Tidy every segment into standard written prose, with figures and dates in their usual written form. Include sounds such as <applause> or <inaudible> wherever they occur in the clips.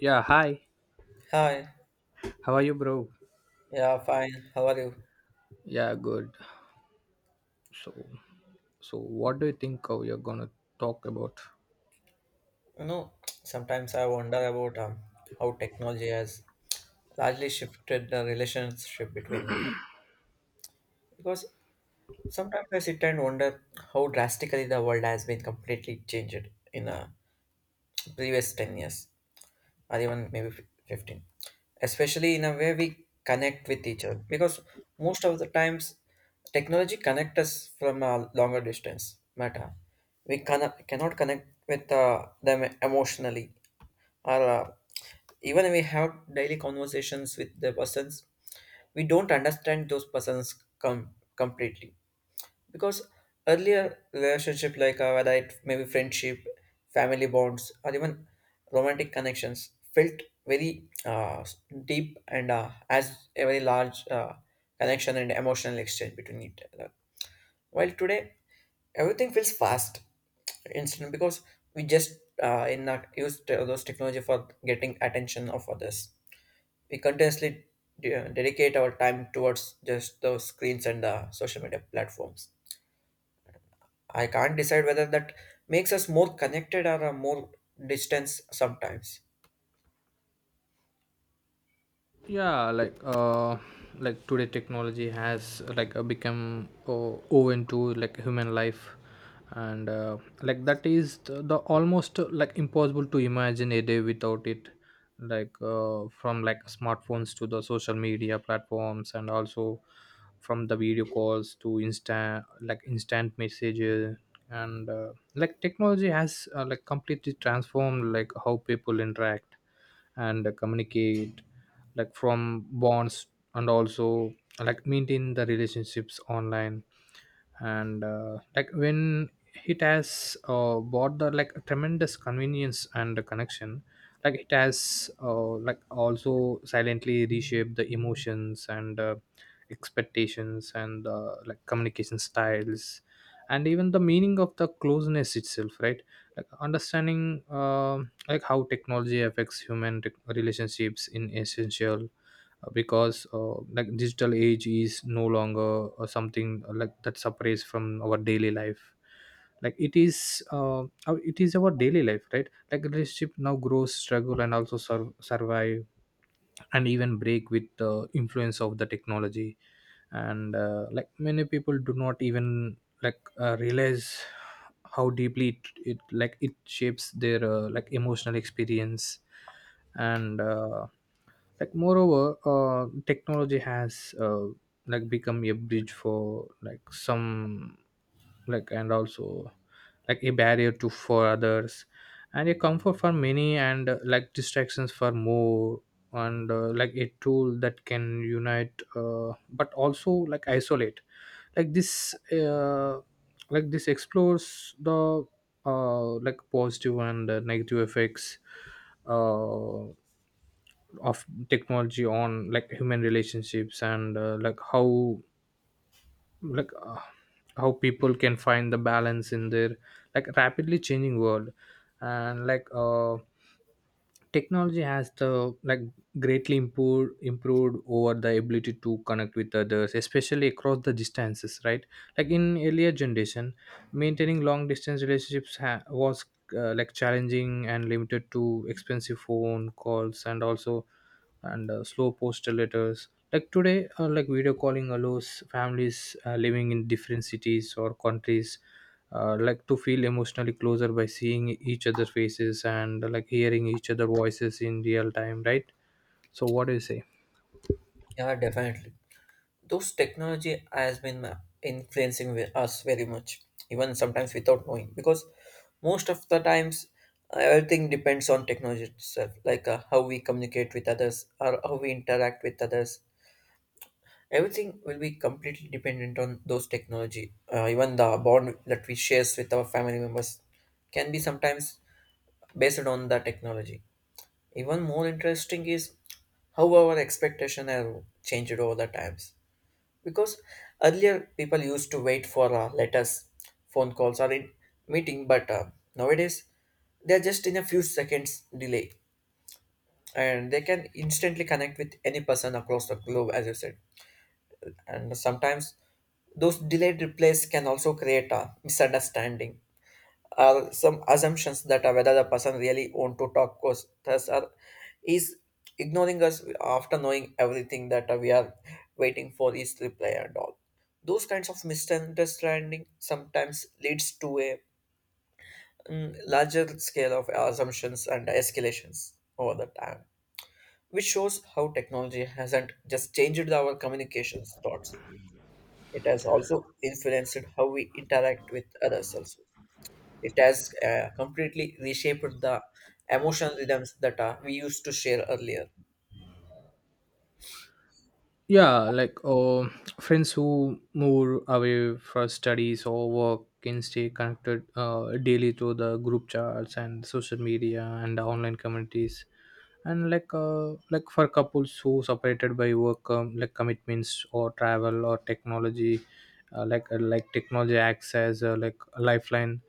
Yeah, hi. Hi, How are you, bro? yeah, fine. How are you? Yeah, good. So, so what do you think we are gonna talk about? You know, sometimes I wonder about how technology has largely shifted the relationship between. Because sometimes I sit and wonder how drastically the world has been completely changed in the previous 10 years. Or even maybe 15, especially in a way we connect with each other, because most of the times technology connect us from a longer distance, but we cannot connect with them emotionally, or even we have daily conversations with the persons. We don't understand those persons com- completely, because earlier relationship, like whether it maybe friendship, family bonds, or even romantic connections, felt very uh, deep and as a very large connection and emotional exchange between each other, while today everything feels fast, instant, because we just in not use those technology for getting attention of others. We continuously dedicate our time towards just those screens and social media platforms. I can't decide whether that makes us more connected or a more distance sometimes. Yeah, like today technology has like become open to like human life, and like that is the almost like impossible to imagine a day without it, like from like smartphones to the social media platforms, and also from the video calls to instant messages. And like technology has like completely transformed like how people interact and communicate, like from bonds, and also like maintain the relationships online. And like when it has bought the like tremendous convenience and connection, like it has like also silently reshaped the emotions and expectations and like communication styles, and even the meaning of the closeness itself, right? Like understanding, um like how technology affects human relationships in essential, because like digital age is no longer something like that separates from our daily life. Like it is our daily life, right? Like relationship now grows, struggle, and also survive and even break with the influence of the technology. And like many people do not even like realize how deeply it shapes their like emotional experience. And like moreover, technology has like become a bridge for like some, like and also like a barrier to for others, and a comfort for many, and like distractions for more, and like a tool that can unite but also like isolate. Like this like this explores the like positive and negative effects, uh, of technology on like human relationships, and like how people can find the balance in their like rapidly changing world. And like technology has the like greatly improved over the ability to connect with others, especially across the distances, right? Like in earlier generation, maintaining long distance relationships was like challenging and limited to expensive phone calls, and also and slow postal letters. Like today like video calling allows families living in different cities or countries like to feel emotionally closer by seeing each other faces, and like hearing each other voices in real time, right? So what do you say? Yeah, definitely. Those technology has been influencing with us very much, even sometimes without knowing, because most of the times everything depends on technology itself, like how we communicate with others or how we interact with others. Everything will be completely dependent on those technology. Even the bond that we shares with our family members can be sometimes based on the technology. Even more interesting is how our expectation have changed over the times. Because earlier people used to wait for letters, phone calls, or in meeting, but nowadays they are just in a few seconds delay, and they can instantly connect with any person across the globe, as you said. And sometimes those delayed replies can also create a misunderstanding, are some assumptions that are whether the person really want to talk to us, thus are is ignoring us after knowing everything that we are waiting for his reply, and all those kinds of misunderstanding sometimes leads to a larger scale of assumptions and escalations over the time, which shows how technology hasn't just changed our communications thoughts, it has also influenced how we interact with others. Also it has completely reshaped the emotional rhythms that we used to share earlier. Yeah, like friends who move away for studies or work can stay connected daily through the group chats and social media and online communities. And like for couples who separated by work, like commitments or travel or technology, like technology acts as like a lifeline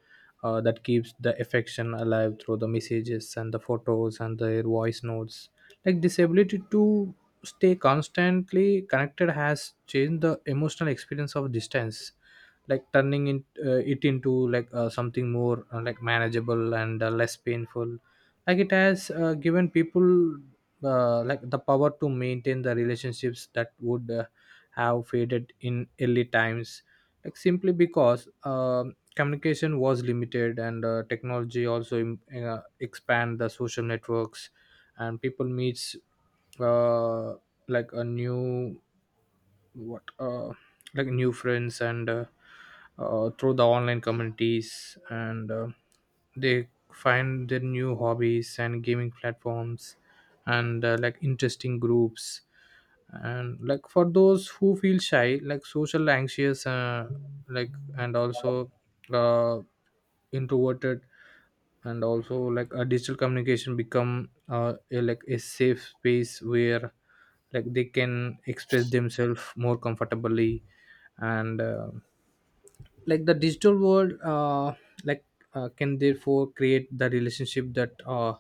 that keeps the affection alive through the messages and the photos and the voice notes. Like this ability to stay constantly connected has changed the emotional experience of distance, like turning in, it into like something more like manageable and less painful. Like it has given people like the power to maintain the relationships that would have faded in early times, like simply because communication was limited. And technology also expand the social networks, and people meets uh, like a new, what like new friends and through the online communities, and they find their new hobbies and gaming platforms, and like interesting groups. And like for those who feel shy, like social anxious, like and also uh, introverted, and also like a digital communication become like a safe space where like they can express themselves more comfortably. And like the digital world like can therefore create the relationship that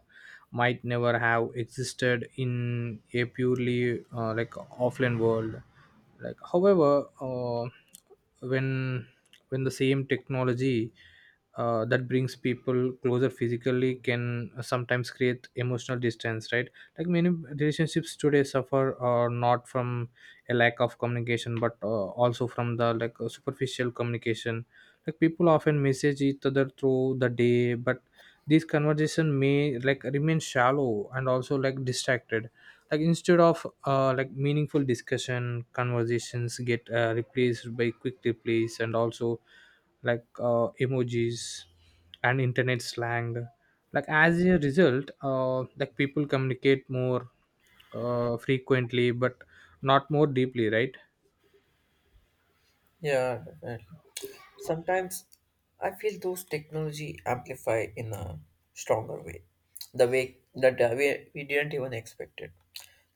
might never have existed in a purely like offline world. Like however when when the same technology that brings people closer physically can sometimes create emotional distance, right? Like many relationships today suffer or not from a lack of communication, but also from the like superficial communication. Like people often message each other through the day, but these conversation may like remain shallow and also like distracted. Like instead of like meaningful discussion, conversations get replaced by quick replies, and also like emojis and internet slang. Like as a result, like people communicate more frequently, but not more deeply, right? Yeah, definitely. Sometimes I feel those technology amplify in a stronger way, the way that we didn't even expect it.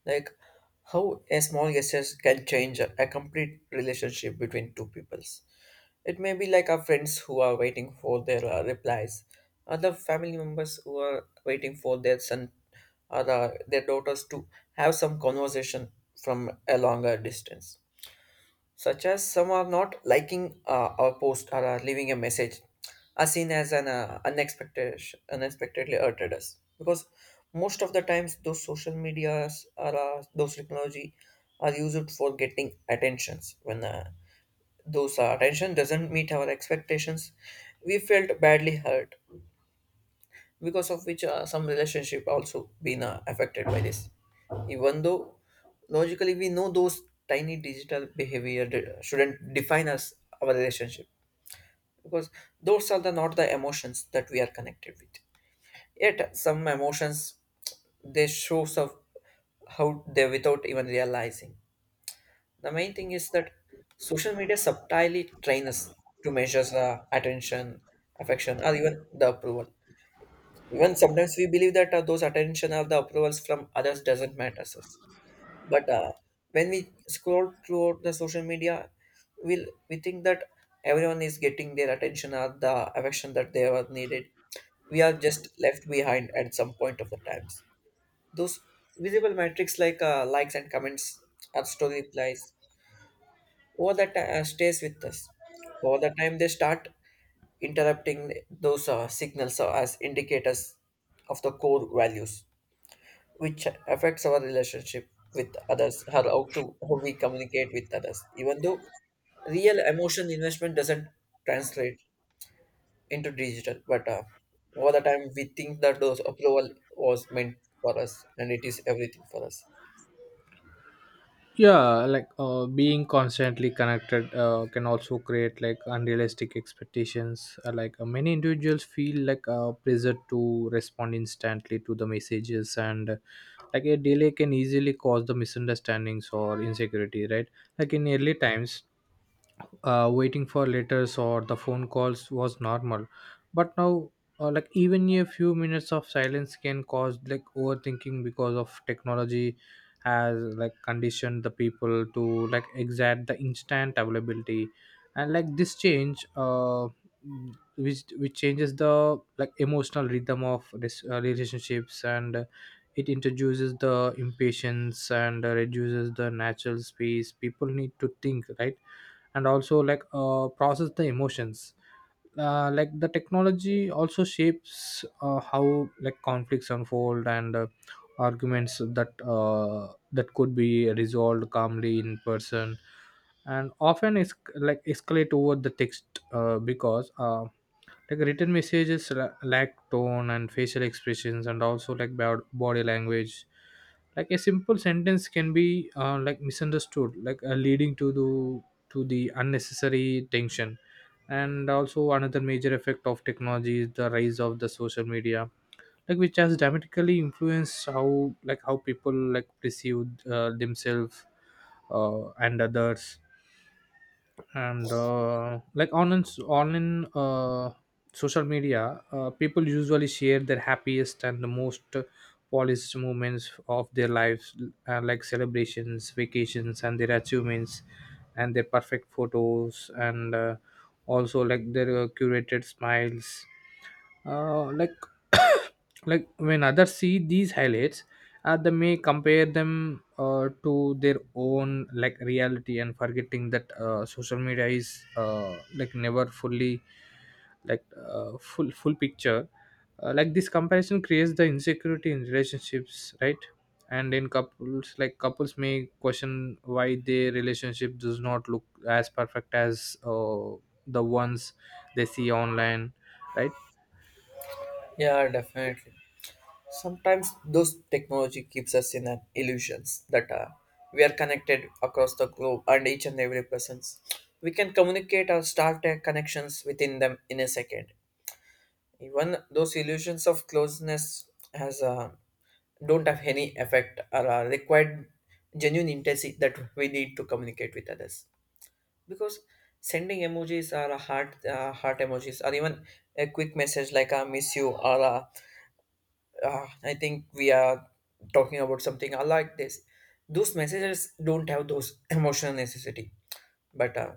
Like how a small gesture can change a complete relationship between two peoples. It may be like our friends who are waiting for their replies, other family members who are waiting for their son or their daughters to have some conversation from a longer distance. Such as some are not liking our post or are leaving a message, are seen as an unexpectedly hurted us. Because most of the times, those social medias or those technology are used for getting attentions. When those attention doesn't meet our expectations, we felt badly hurt, because of which some relationship also been affected by this, even though logically we know those tiny digital behavior shouldn't define us, our relationship, because those are the not the emotions that we are connected with. Yet some emotions, they shows of how they without even realizing. The main thing is that social media subtly train us to measure attention, affection, or even the approval. Even sometimes we believe that those attention or the approvals from others doesn't matter to us. But when we scroll throughout the social media, we think that everyone is getting their attention or the affection that they were needed. We are just left behind at some point of the times. Those visible metrics like likes and comments or story replies over the time stays with us. Over the time they start interrupting those signals as indicators of the core values, which affects our relationship with others, how to how we communicate with others, even though real emotion investment doesn't translate into digital. But over the time we think that those approval was meant for us and it is everything for us. Yeah, like being constantly connected can also create like unrealistic expectations. Many individuals feel like pressure to respond instantly to the messages, and like a delay can easily cause the misunderstandings or insecurity, right? Like in early times, waiting for letters or the phone calls was normal, but now like even a few minutes of silence can cause like overthinking, because of technology has like conditioned the people to like exact the instant availability. And like this change which changes the like emotional rhythm of this relationships. And it introduces the impatience and reduces the natural space people need to think, right? And also like process the emotions. Like the technology also shapes how like conflicts unfold, and arguments that that could be resolved calmly in person, and often is like escalate over the text, because like written messages lack tone and facial expressions, and also like body language. Like a simple sentence can be like misunderstood, like leading to the unnecessary tension. And also another major effect of technology is the rise of the social media, like which has dramatically influenced how like how people like perceive themselves and others. And like on and s- on in social media, people usually share their happiest and the most polished moments of their lives, like celebrations, vacations, and their achievements, and their perfect photos, and also like their curated smiles, like <coughs> like when others see these highlights, they may compare them to their own like reality, and forgetting that social media is like never fully like full picture. Like this comparison creates the insecurity in relationships, right? And in couples, like couples may question why their relationship does not look as perfect as the ones they see online, right? Yeah, definitely. Sometimes those technology keeps us in an illusions that we are connected across the globe and each and every persons. We can communicate or start connections within them in a second. Even those illusions of closeness has don't have any effect or required genuine intensity that we need to communicate with others. Because sending emojis or a heart emojis or even a quick message like I miss you or a. Ah, I think we are talking about something I like this. Those messages don't have those emotional necessity, but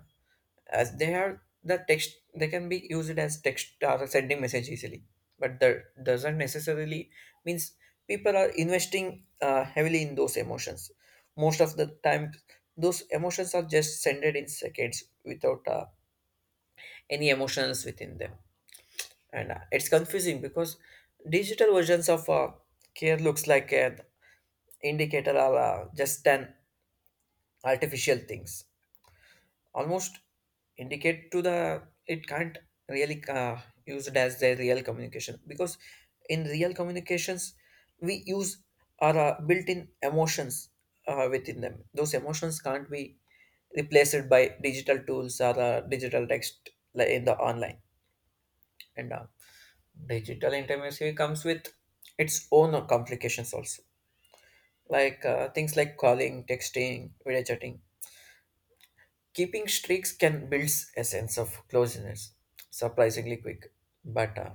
as they are the text, they can be used as text or sending message easily. But that doesn't necessarily means people are investing heavily in those emotions. Most of the time, those emotions are just sended in seconds without any emotions within them, and it's confusing because digital versions of care looks like an indicator are just an artificial things, almost indicate to the it can't really use it as their real communication, because in real communications we use our built-in emotions within them. Those emotions can't be replaced by digital tools or digital text like in the online. And digital intimacy comes with its own complications also, like things like calling, texting, video chatting. Keeping streaks can build a sense of closeness, surprisingly quick. But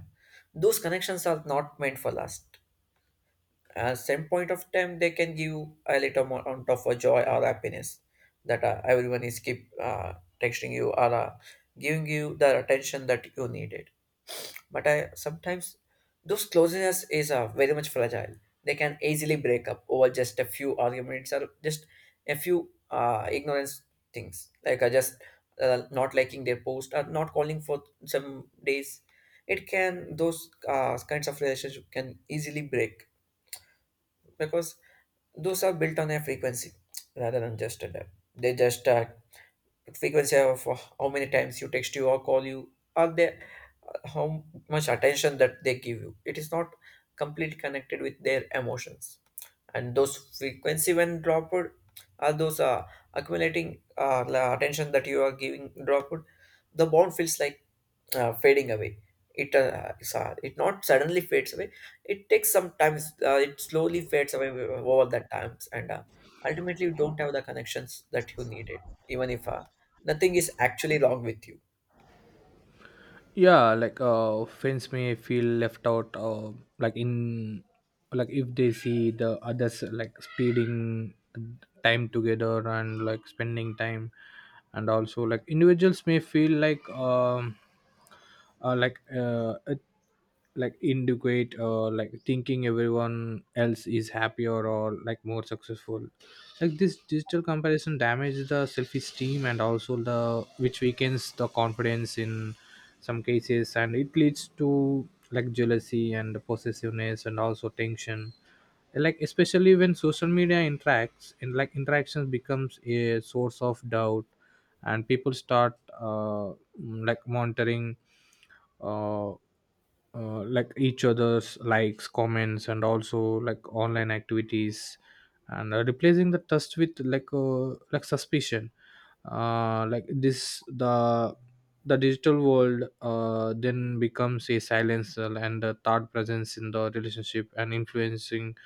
those connections are not meant for last. At some point of time, they can give a little more amount of a joy or happiness, that everyone is keep texting you or giving you the attention that you needed. But I sometimes those closeness is very much fragile. They can easily break up over just a few arguments or just a few ignorance things, like just not liking their post or not calling for some days. It can, those kinds of relationship can easily break, because those are built on a frequency rather than just a depth. They just frequency of how many times you text you or call you, or they how much attention that they give you, it is not completely connected with their emotions. And those frequency when dropped, are those accumulating attention that you are giving dropped, the bond feels like fading away. It not suddenly fades away, it takes some time, it slowly fades away over the times, and ultimately you don't have the connections that you needed, even if nothing is actually wrong with you. Yeah, like friends may feel left out like in, like if they see the others like speeding time together and like spending time. And also like individuals may feel like it like integrate, or like thinking everyone else is happier, or like more successful. Like this digital comparison damages the self-esteem, and also the which weakens the confidence in some cases, and it leads to like jealousy and possessiveness and also tension, like especially when social media interacts and like interactions becomes a source of doubt. And people start like monitoring uh, like each other's likes, comments, and also like online activities, and replacing the trust with like suspicion. Like this the digital world then becomes a silencer and a third presence in the relationship, and influencing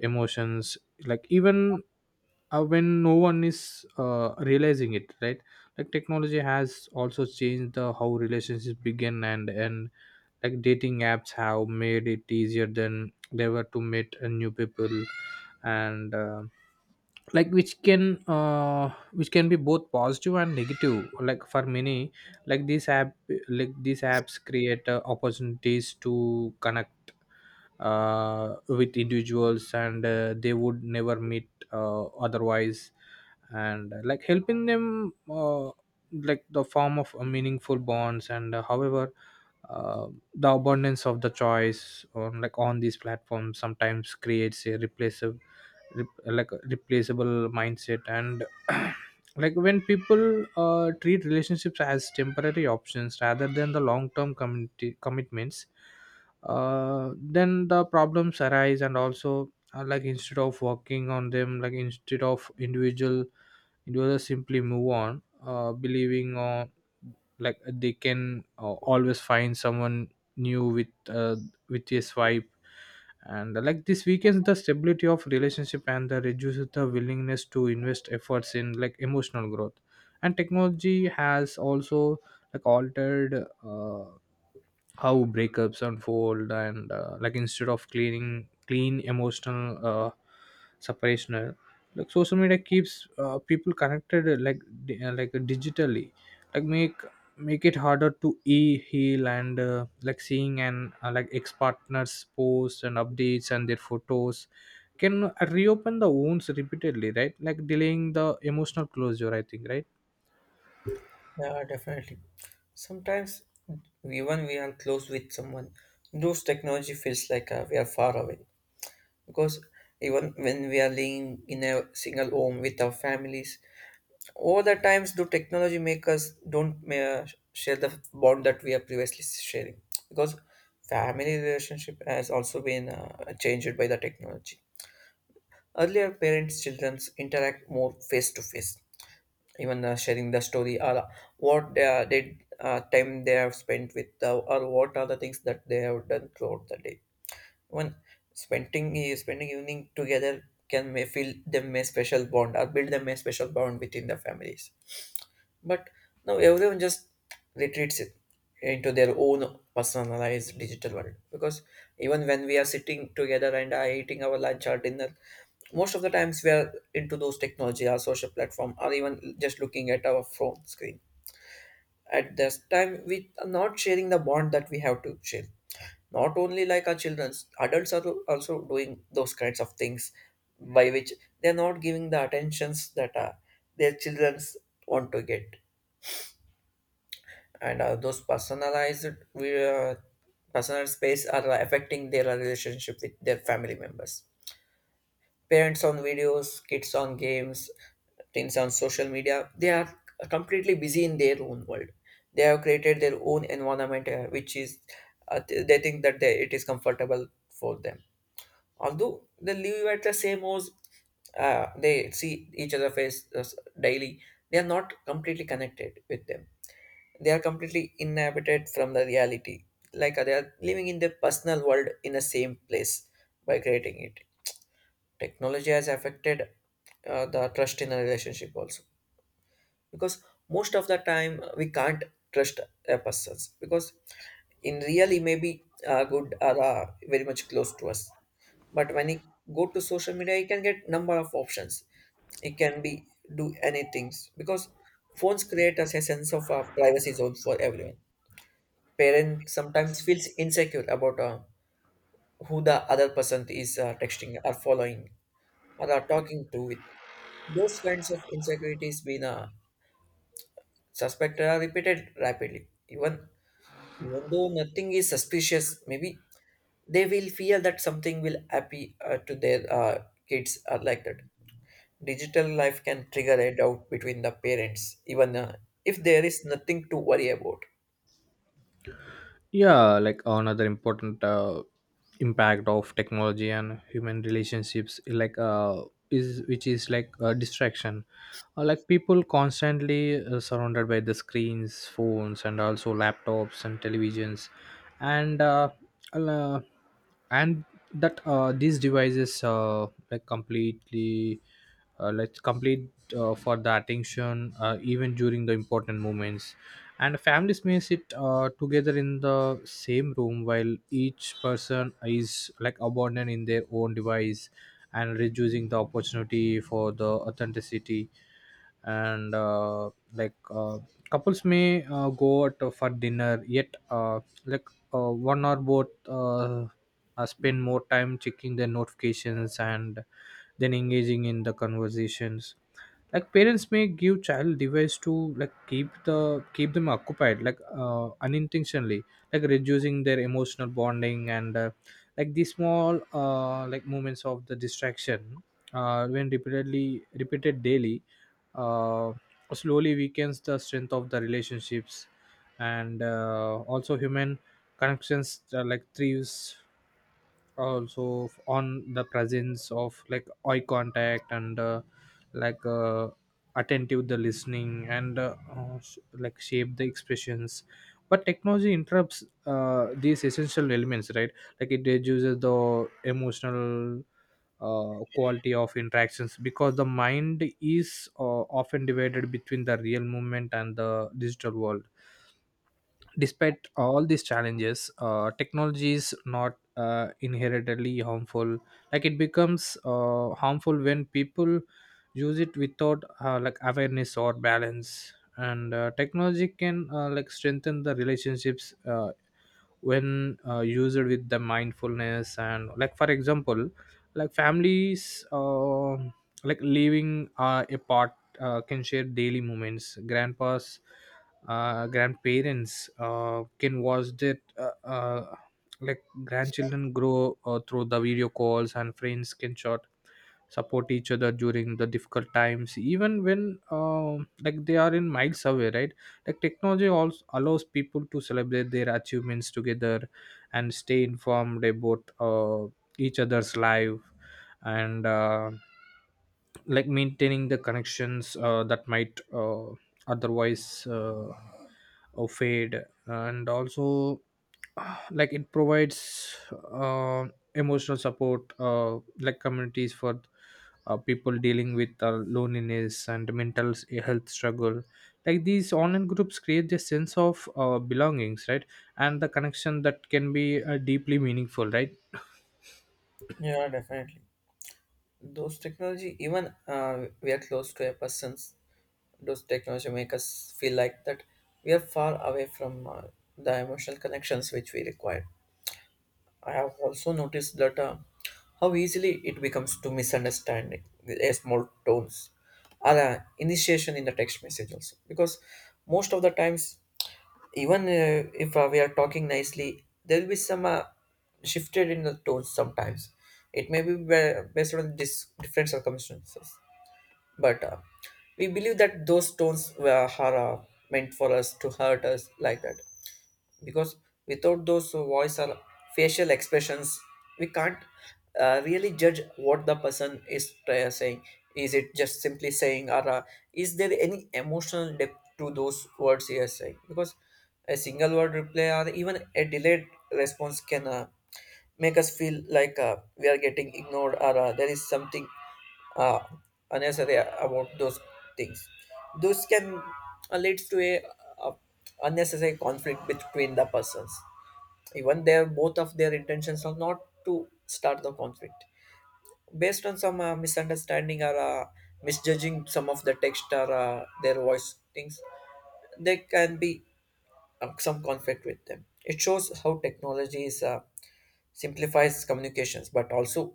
emotions, like even when no one is realizing it, right? Like technology has also changed the how relationships begin and end. Like dating apps have made it easier than they were to meet new people, and like which can which can be both positive and negative. Like for many, like these apps create opportunities to connect with individuals, and they would never meet otherwise, and like helping them like the form of meaningful bonds. And however, uh, the abundance of the choice on like on these platforms sometimes creates a like a replaceable mindset. And <clears throat> like when people treat relationships as temporary options rather than the long term community commitments, then the problems arise. And also like instead of working on them, like instead of individuals simply move on, believing on like they can always find someone new with a swipe. And like this weakens the stability of relationship, and the reduces the willingness to invest efforts in like emotional growth. And technology has also like altered how breakups unfold. And like instead of cleaning clean emotional separational, like social media keeps people connected like digitally. Like make it harder to e heal. And like seeing and like ex partners posts and updates and their photos can reopen the wounds repeatedly, right? Like delaying the emotional closure, I think, right? Yeah, definitely. Sometimes, even we are close with someone, those technology feels like we are far away. Because even when we are living in a single home with our families, all the times do technology make us don't share the bond that we are previously sharing. Because family relationship has also been changed by the technology. Earlier, parents' children interact more face to face, even sharing the story or what did time they have spent with or what are the things that they have done throughout the day, when spending evening together can may feel them a special bond or build them a special bond between the families. But now everyone just retreats it into their own personalized digital world. Because even when we are sitting together and are eating our lunch or dinner, most of the times we are into those technology, our social platform, or even just looking at our phone screen. At this time, we are not sharing the bond that we have to share. Not only like our children, adults are also doing those kinds of things by which they are not giving the attentions that are their childrens want to get, and those personalized, we, uh, personal space are affecting their relationship with their family members. Parents on videos, kids on games, teens on social media, they are completely busy in their own world. They have created their own environment, which is they think that they, it is comfortable for them. Although they live at the same house, they see each other face daily, they are not completely connected with them. They are completely inhabited from the reality, like they are living in their personal world in the same place by creating it. Technology has affected the trust in a relationship also, because most of the time, we can't trust a person, because in real he may be good or very much close to us, but when he go to social media he can get number of options. He can be do anything, because phones create us a sense of privacy zone for everyone. Parent sometimes feels insecure about who the other person is texting or following, or are talking to with. Those kinds of insecurities being suspected are repeated rapidly, even though nothing is suspicious, maybe they will feel that something will happen to their kids are like that. Digital life can trigger a doubt between the parents, even if there is nothing to worry about. Yeah, like another important impact of technology and human relationships, like is which is like distraction. Like people constantly surrounded by The screens, phones, and also laptops and televisions, and uh, uh, and that these devices like completely, like complete for the attention, even during the important moments. And families may sit together in the same room while each person is like abandoned in their own device, and reducing the opportunity for the authenticity. And like Couples may go out for dinner, yet like one or both spend more time checking their notifications and then engaging in the conversations. Like parents may give child device to like keep them occupied, like unintentionally, like reducing their emotional bonding. And Like these small like moments of the distraction, when repeated daily, uh, slowly weakens the strength of the relationships. And Also human connections like thrives also on the presence of like eye contact and, like uh, attentive the listening, and like shape the expressions. But technology interrupts these essential elements, right? Like it reduces the emotional quality of interactions because the mind is often divided between the real movement and the digital world. Despite all these challenges, technology is not inherently harmful. Like it becomes harmful when people use it without like awareness or balance. And Technology can like strengthen the relationships when used with the mindfulness. And like for example, like families like living apart can share daily moments. Grandpas Grandparents can watch it, like grandchildren grow through the video calls, and friends can short support each other during the difficult times even when like they are in miles away, right? Like technology also allows people to celebrate their achievements together and stay informed about each other's life and like maintaining the connections that might otherwise fade. And also <sighs> like it provides uh, emotional support, like communities for people dealing with loneliness and mental health struggle. Like these online groups create a sense of belongings, right? And the connection that can be deeply meaningful, right? Yeah, definitely, those technology, even we are close to a person's, those technology make us feel like that we are far away from the emotional connections which we require. I have also noticed that how easily it becomes to misunderstand a small tones or initiation in the text message also, because most of the times, even if we are talking nicely, there will be some shifted in the tones sometimes. It may be based on different circumstances, but we believe that those stones were are, meant for us to hurt us like that. Because without those voice or facial expressions we can't really judge what the person is saying, is it just simply saying or is there any emotional depth to those words he is saying. Because a single word reply or even a delayed response can make us feel like we are getting ignored, or there is something uh, unnecessary about those things. Those can leads to a unnecessary conflict between the persons, even their both of their intentions are not to start the conflict. Based on some misunderstanding or misjudging some of the text or their voice things, there can be some conflict with them. It shows how technology is simplifies communications but also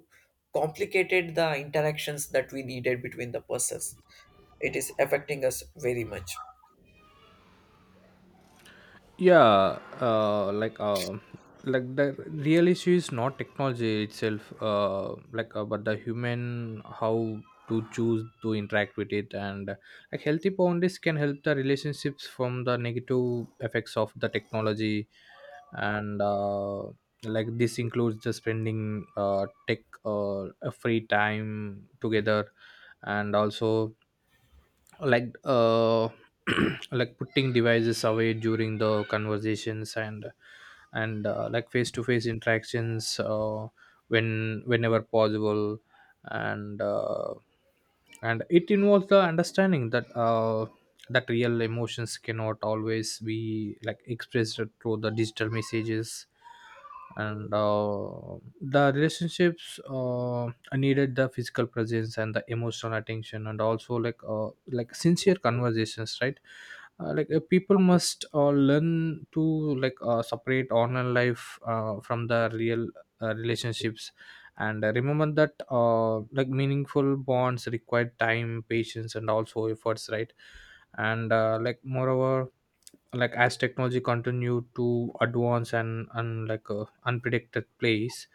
complicated the interactions that we needed between the persons. It is affecting us very much. Yeah. Like the real issue is not technology itself, but the human how to choose to interact with it. And Like healthy boundaries can help the relationships from the negative effects of the technology. And Like this includes the spending tech a free time together, and also like <clears throat> like putting devices away during the conversations, and like face to face interactions when whenever possible. And uh, and it involves the understanding that real emotions cannot always be like expressed through the digital messages. And The relationships, I needed the physical presence and the emotional attention, and also like sincere conversations, right? People must learn to separate online life from the real relationships, and remember that, like, meaningful bonds require time, patience, and also efforts, right? and Like moreover, like as technology continue to advance and like a unpredicted place,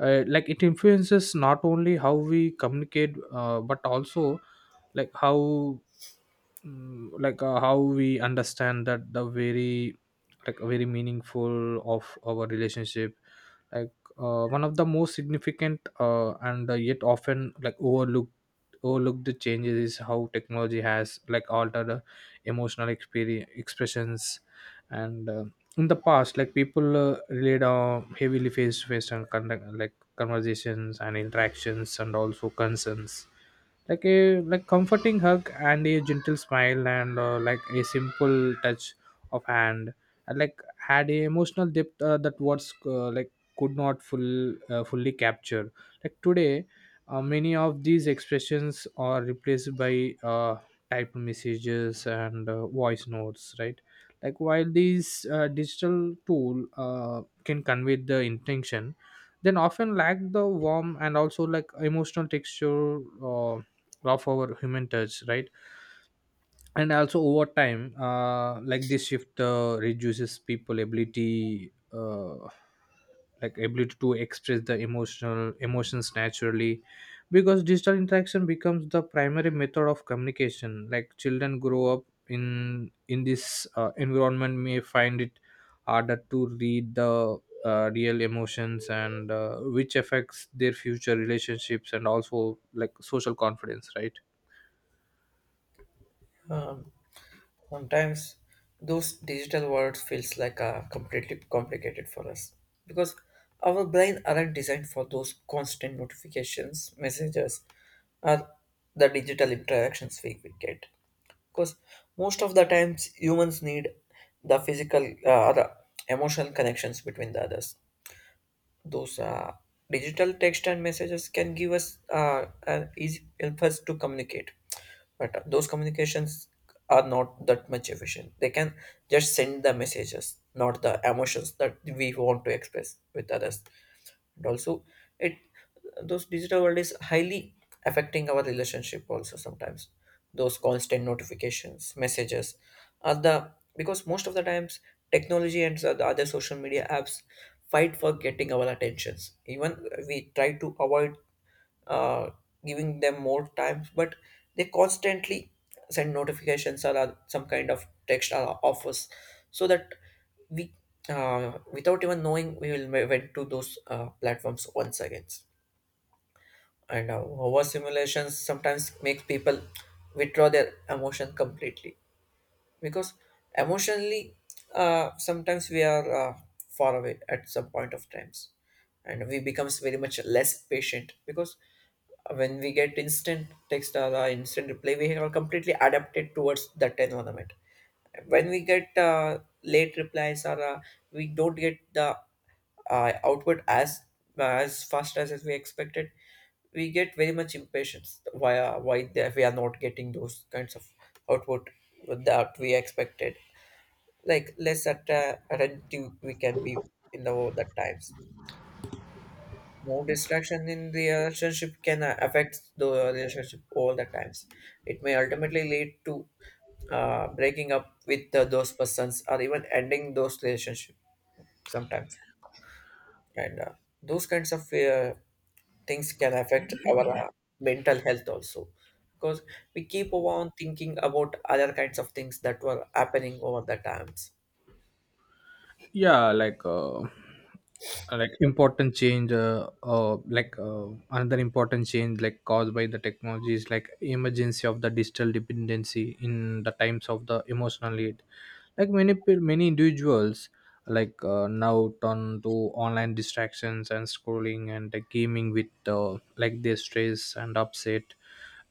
like it influences not only how we communicate, but also like how how we understand that the very like very meaningful of our relationship. Like one of the most significant and yet often like overlooked the changes is how technology has like altered emotional experience expressions. And In the past, like people relied on heavily face to face and conduct like conversations and interactions and also concerns, like a like comforting hug and a gentle smile and like a simple touch of hand, and like had a emotional depth that words, could not fully capture. Like today, many of these expressions are replaced by typed messages and voice notes, right? Like while these digital tool can convey the intention, then often lack the warm and also like emotional texture uh, of our human touch, right? And also over time, like this shift reduces people ability to express the emotional emotions naturally. Because digital interaction becomes the primary method of communication, like children grow up in this environment may find it harder to read the real emotions, and which affects their future relationships and also like social confidence, right? Um, Sometimes those digital words feels like a completely complicated for us, because our brain aren't designed for those constant notifications, messages, or the digital interactions we get. Because most of the times humans need the physical or the emotional connections between the others. Those digital text and messages can give us an easy, help us to communicate, but those communications are not that much efficient. They can just send the messages, not the emotions that we want to express with others. And also it, those digital world is highly affecting our relationship also. Sometimes those constant notifications, messages are the, because most of the times technology and the other social media apps fight for getting our attentions. Even we try to avoid uh, giving them more time, but they constantly send notifications or some kind of text or offers, so that we, without even knowing, we will went to those platforms once again. And over simulations sometimes makes people withdraw their emotion completely, because emotionally, sometimes we are far away at some point of times, and we becomes very much less patient, because when we get instant text or instant reply we are completely adapted towards that environment. When we get late replies, or we don't get the output as fast as we expected, we get very much impatience. Why why they, we are not getting those kinds of output that we expected. Like less at attentive we can be in the that times, more distraction in the relationship can affect the relationship all the times. It may ultimately lead to breaking up with those persons or even ending those relationship sometimes. And those kinds of things can affect our mental health also, because we keep on thinking about other kinds of things that were happening over the times. Yeah. Like like important change like another important change like caused by the technology is like emergency of the digital dependency in the times of the emotional need. Like many individuals, like now turn to online distractions and scrolling and gaming with like their stress and upset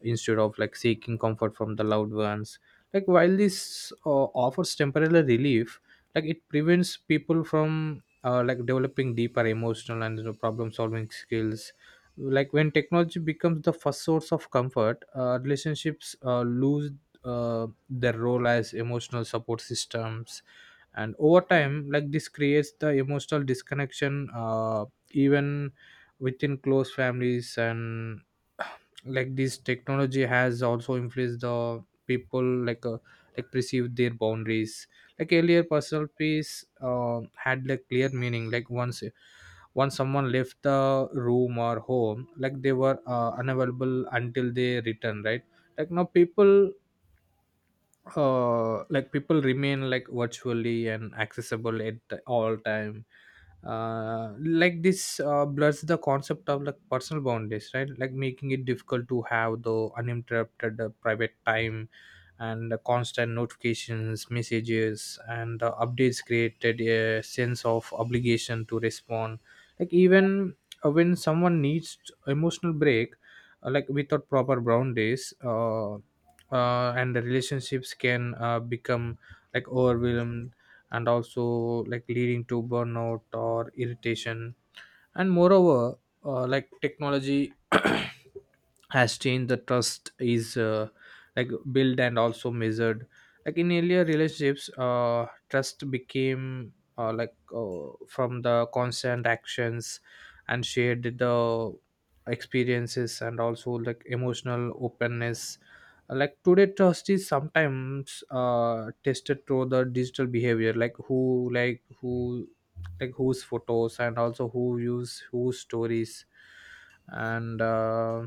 instead of like seeking comfort from the loved ones. Like while this offers temporary relief, like it prevents people from like developing deeper emotional and, you know, problem solving skills. Like when technology becomes the first source of comfort, relationships lose their role as emotional support systems. And over time, like this creates the emotional disconnection, even within close families. And <sighs> <clears throat> like this technology has also influenced the people like perceive their boundaries. Like earlier personal peace had like clear meaning. Like once someone left the room or home, like they were unavailable until they return, right? Like now people, people remain like virtually and accessible at all time. This blurs the concept of like personal boundaries, right? Like making it difficult to have the uninterrupted private time. And the constant notifications, messages, and the updates created a sense of obligation to respond, like even, when someone needs emotional break. Like without proper boundaries, and the relationships can become like overwhelmed and also like leading to burnout or irritation. And moreover, like technology <coughs> <clears throat> has changed the trust is, like built and also measured. Like in earlier relationships, trust became from the constant actions and shared the experiences and also like emotional openness. Like today, trust is sometimes tested through the digital behavior, like who like whose photos and also who use whose stories, and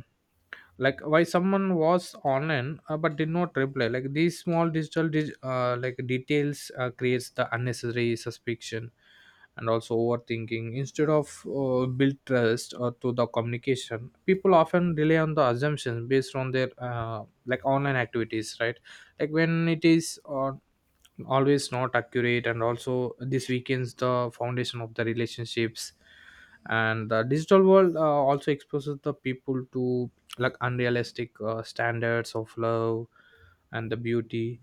like why someone was online but did not reply. Like these small digital like details creates the unnecessary suspicion and also overthinking. Instead of build trust to the communication, people often rely on the assumptions based on their like online activities, right? Like when it is always not accurate, and also this weakens the foundation of the relationships. And the digital world also exposes the people to like unrealistic standards of love and the beauty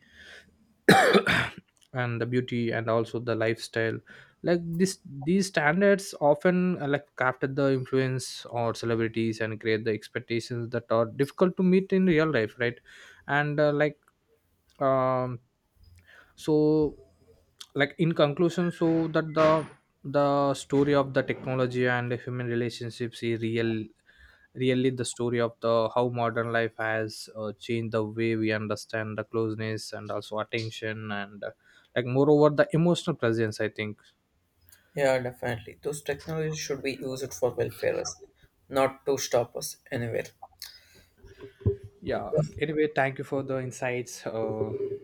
and the beauty and also the lifestyle. Like this these standards often like crafted the influence or celebrities and create the expectations that are difficult to meet in real life, right? And uh, like um so like in conclusion, so that the story of the technology and the human relationships is really the story of the how modern life has changed the way we understand the closeness and also attention, and like moreover the emotional presence, I think. Yeah, definitely, those technologies should be used for welfare us, not to stop us anywhere. Yeah, anyway, thank you for the insights. Uh,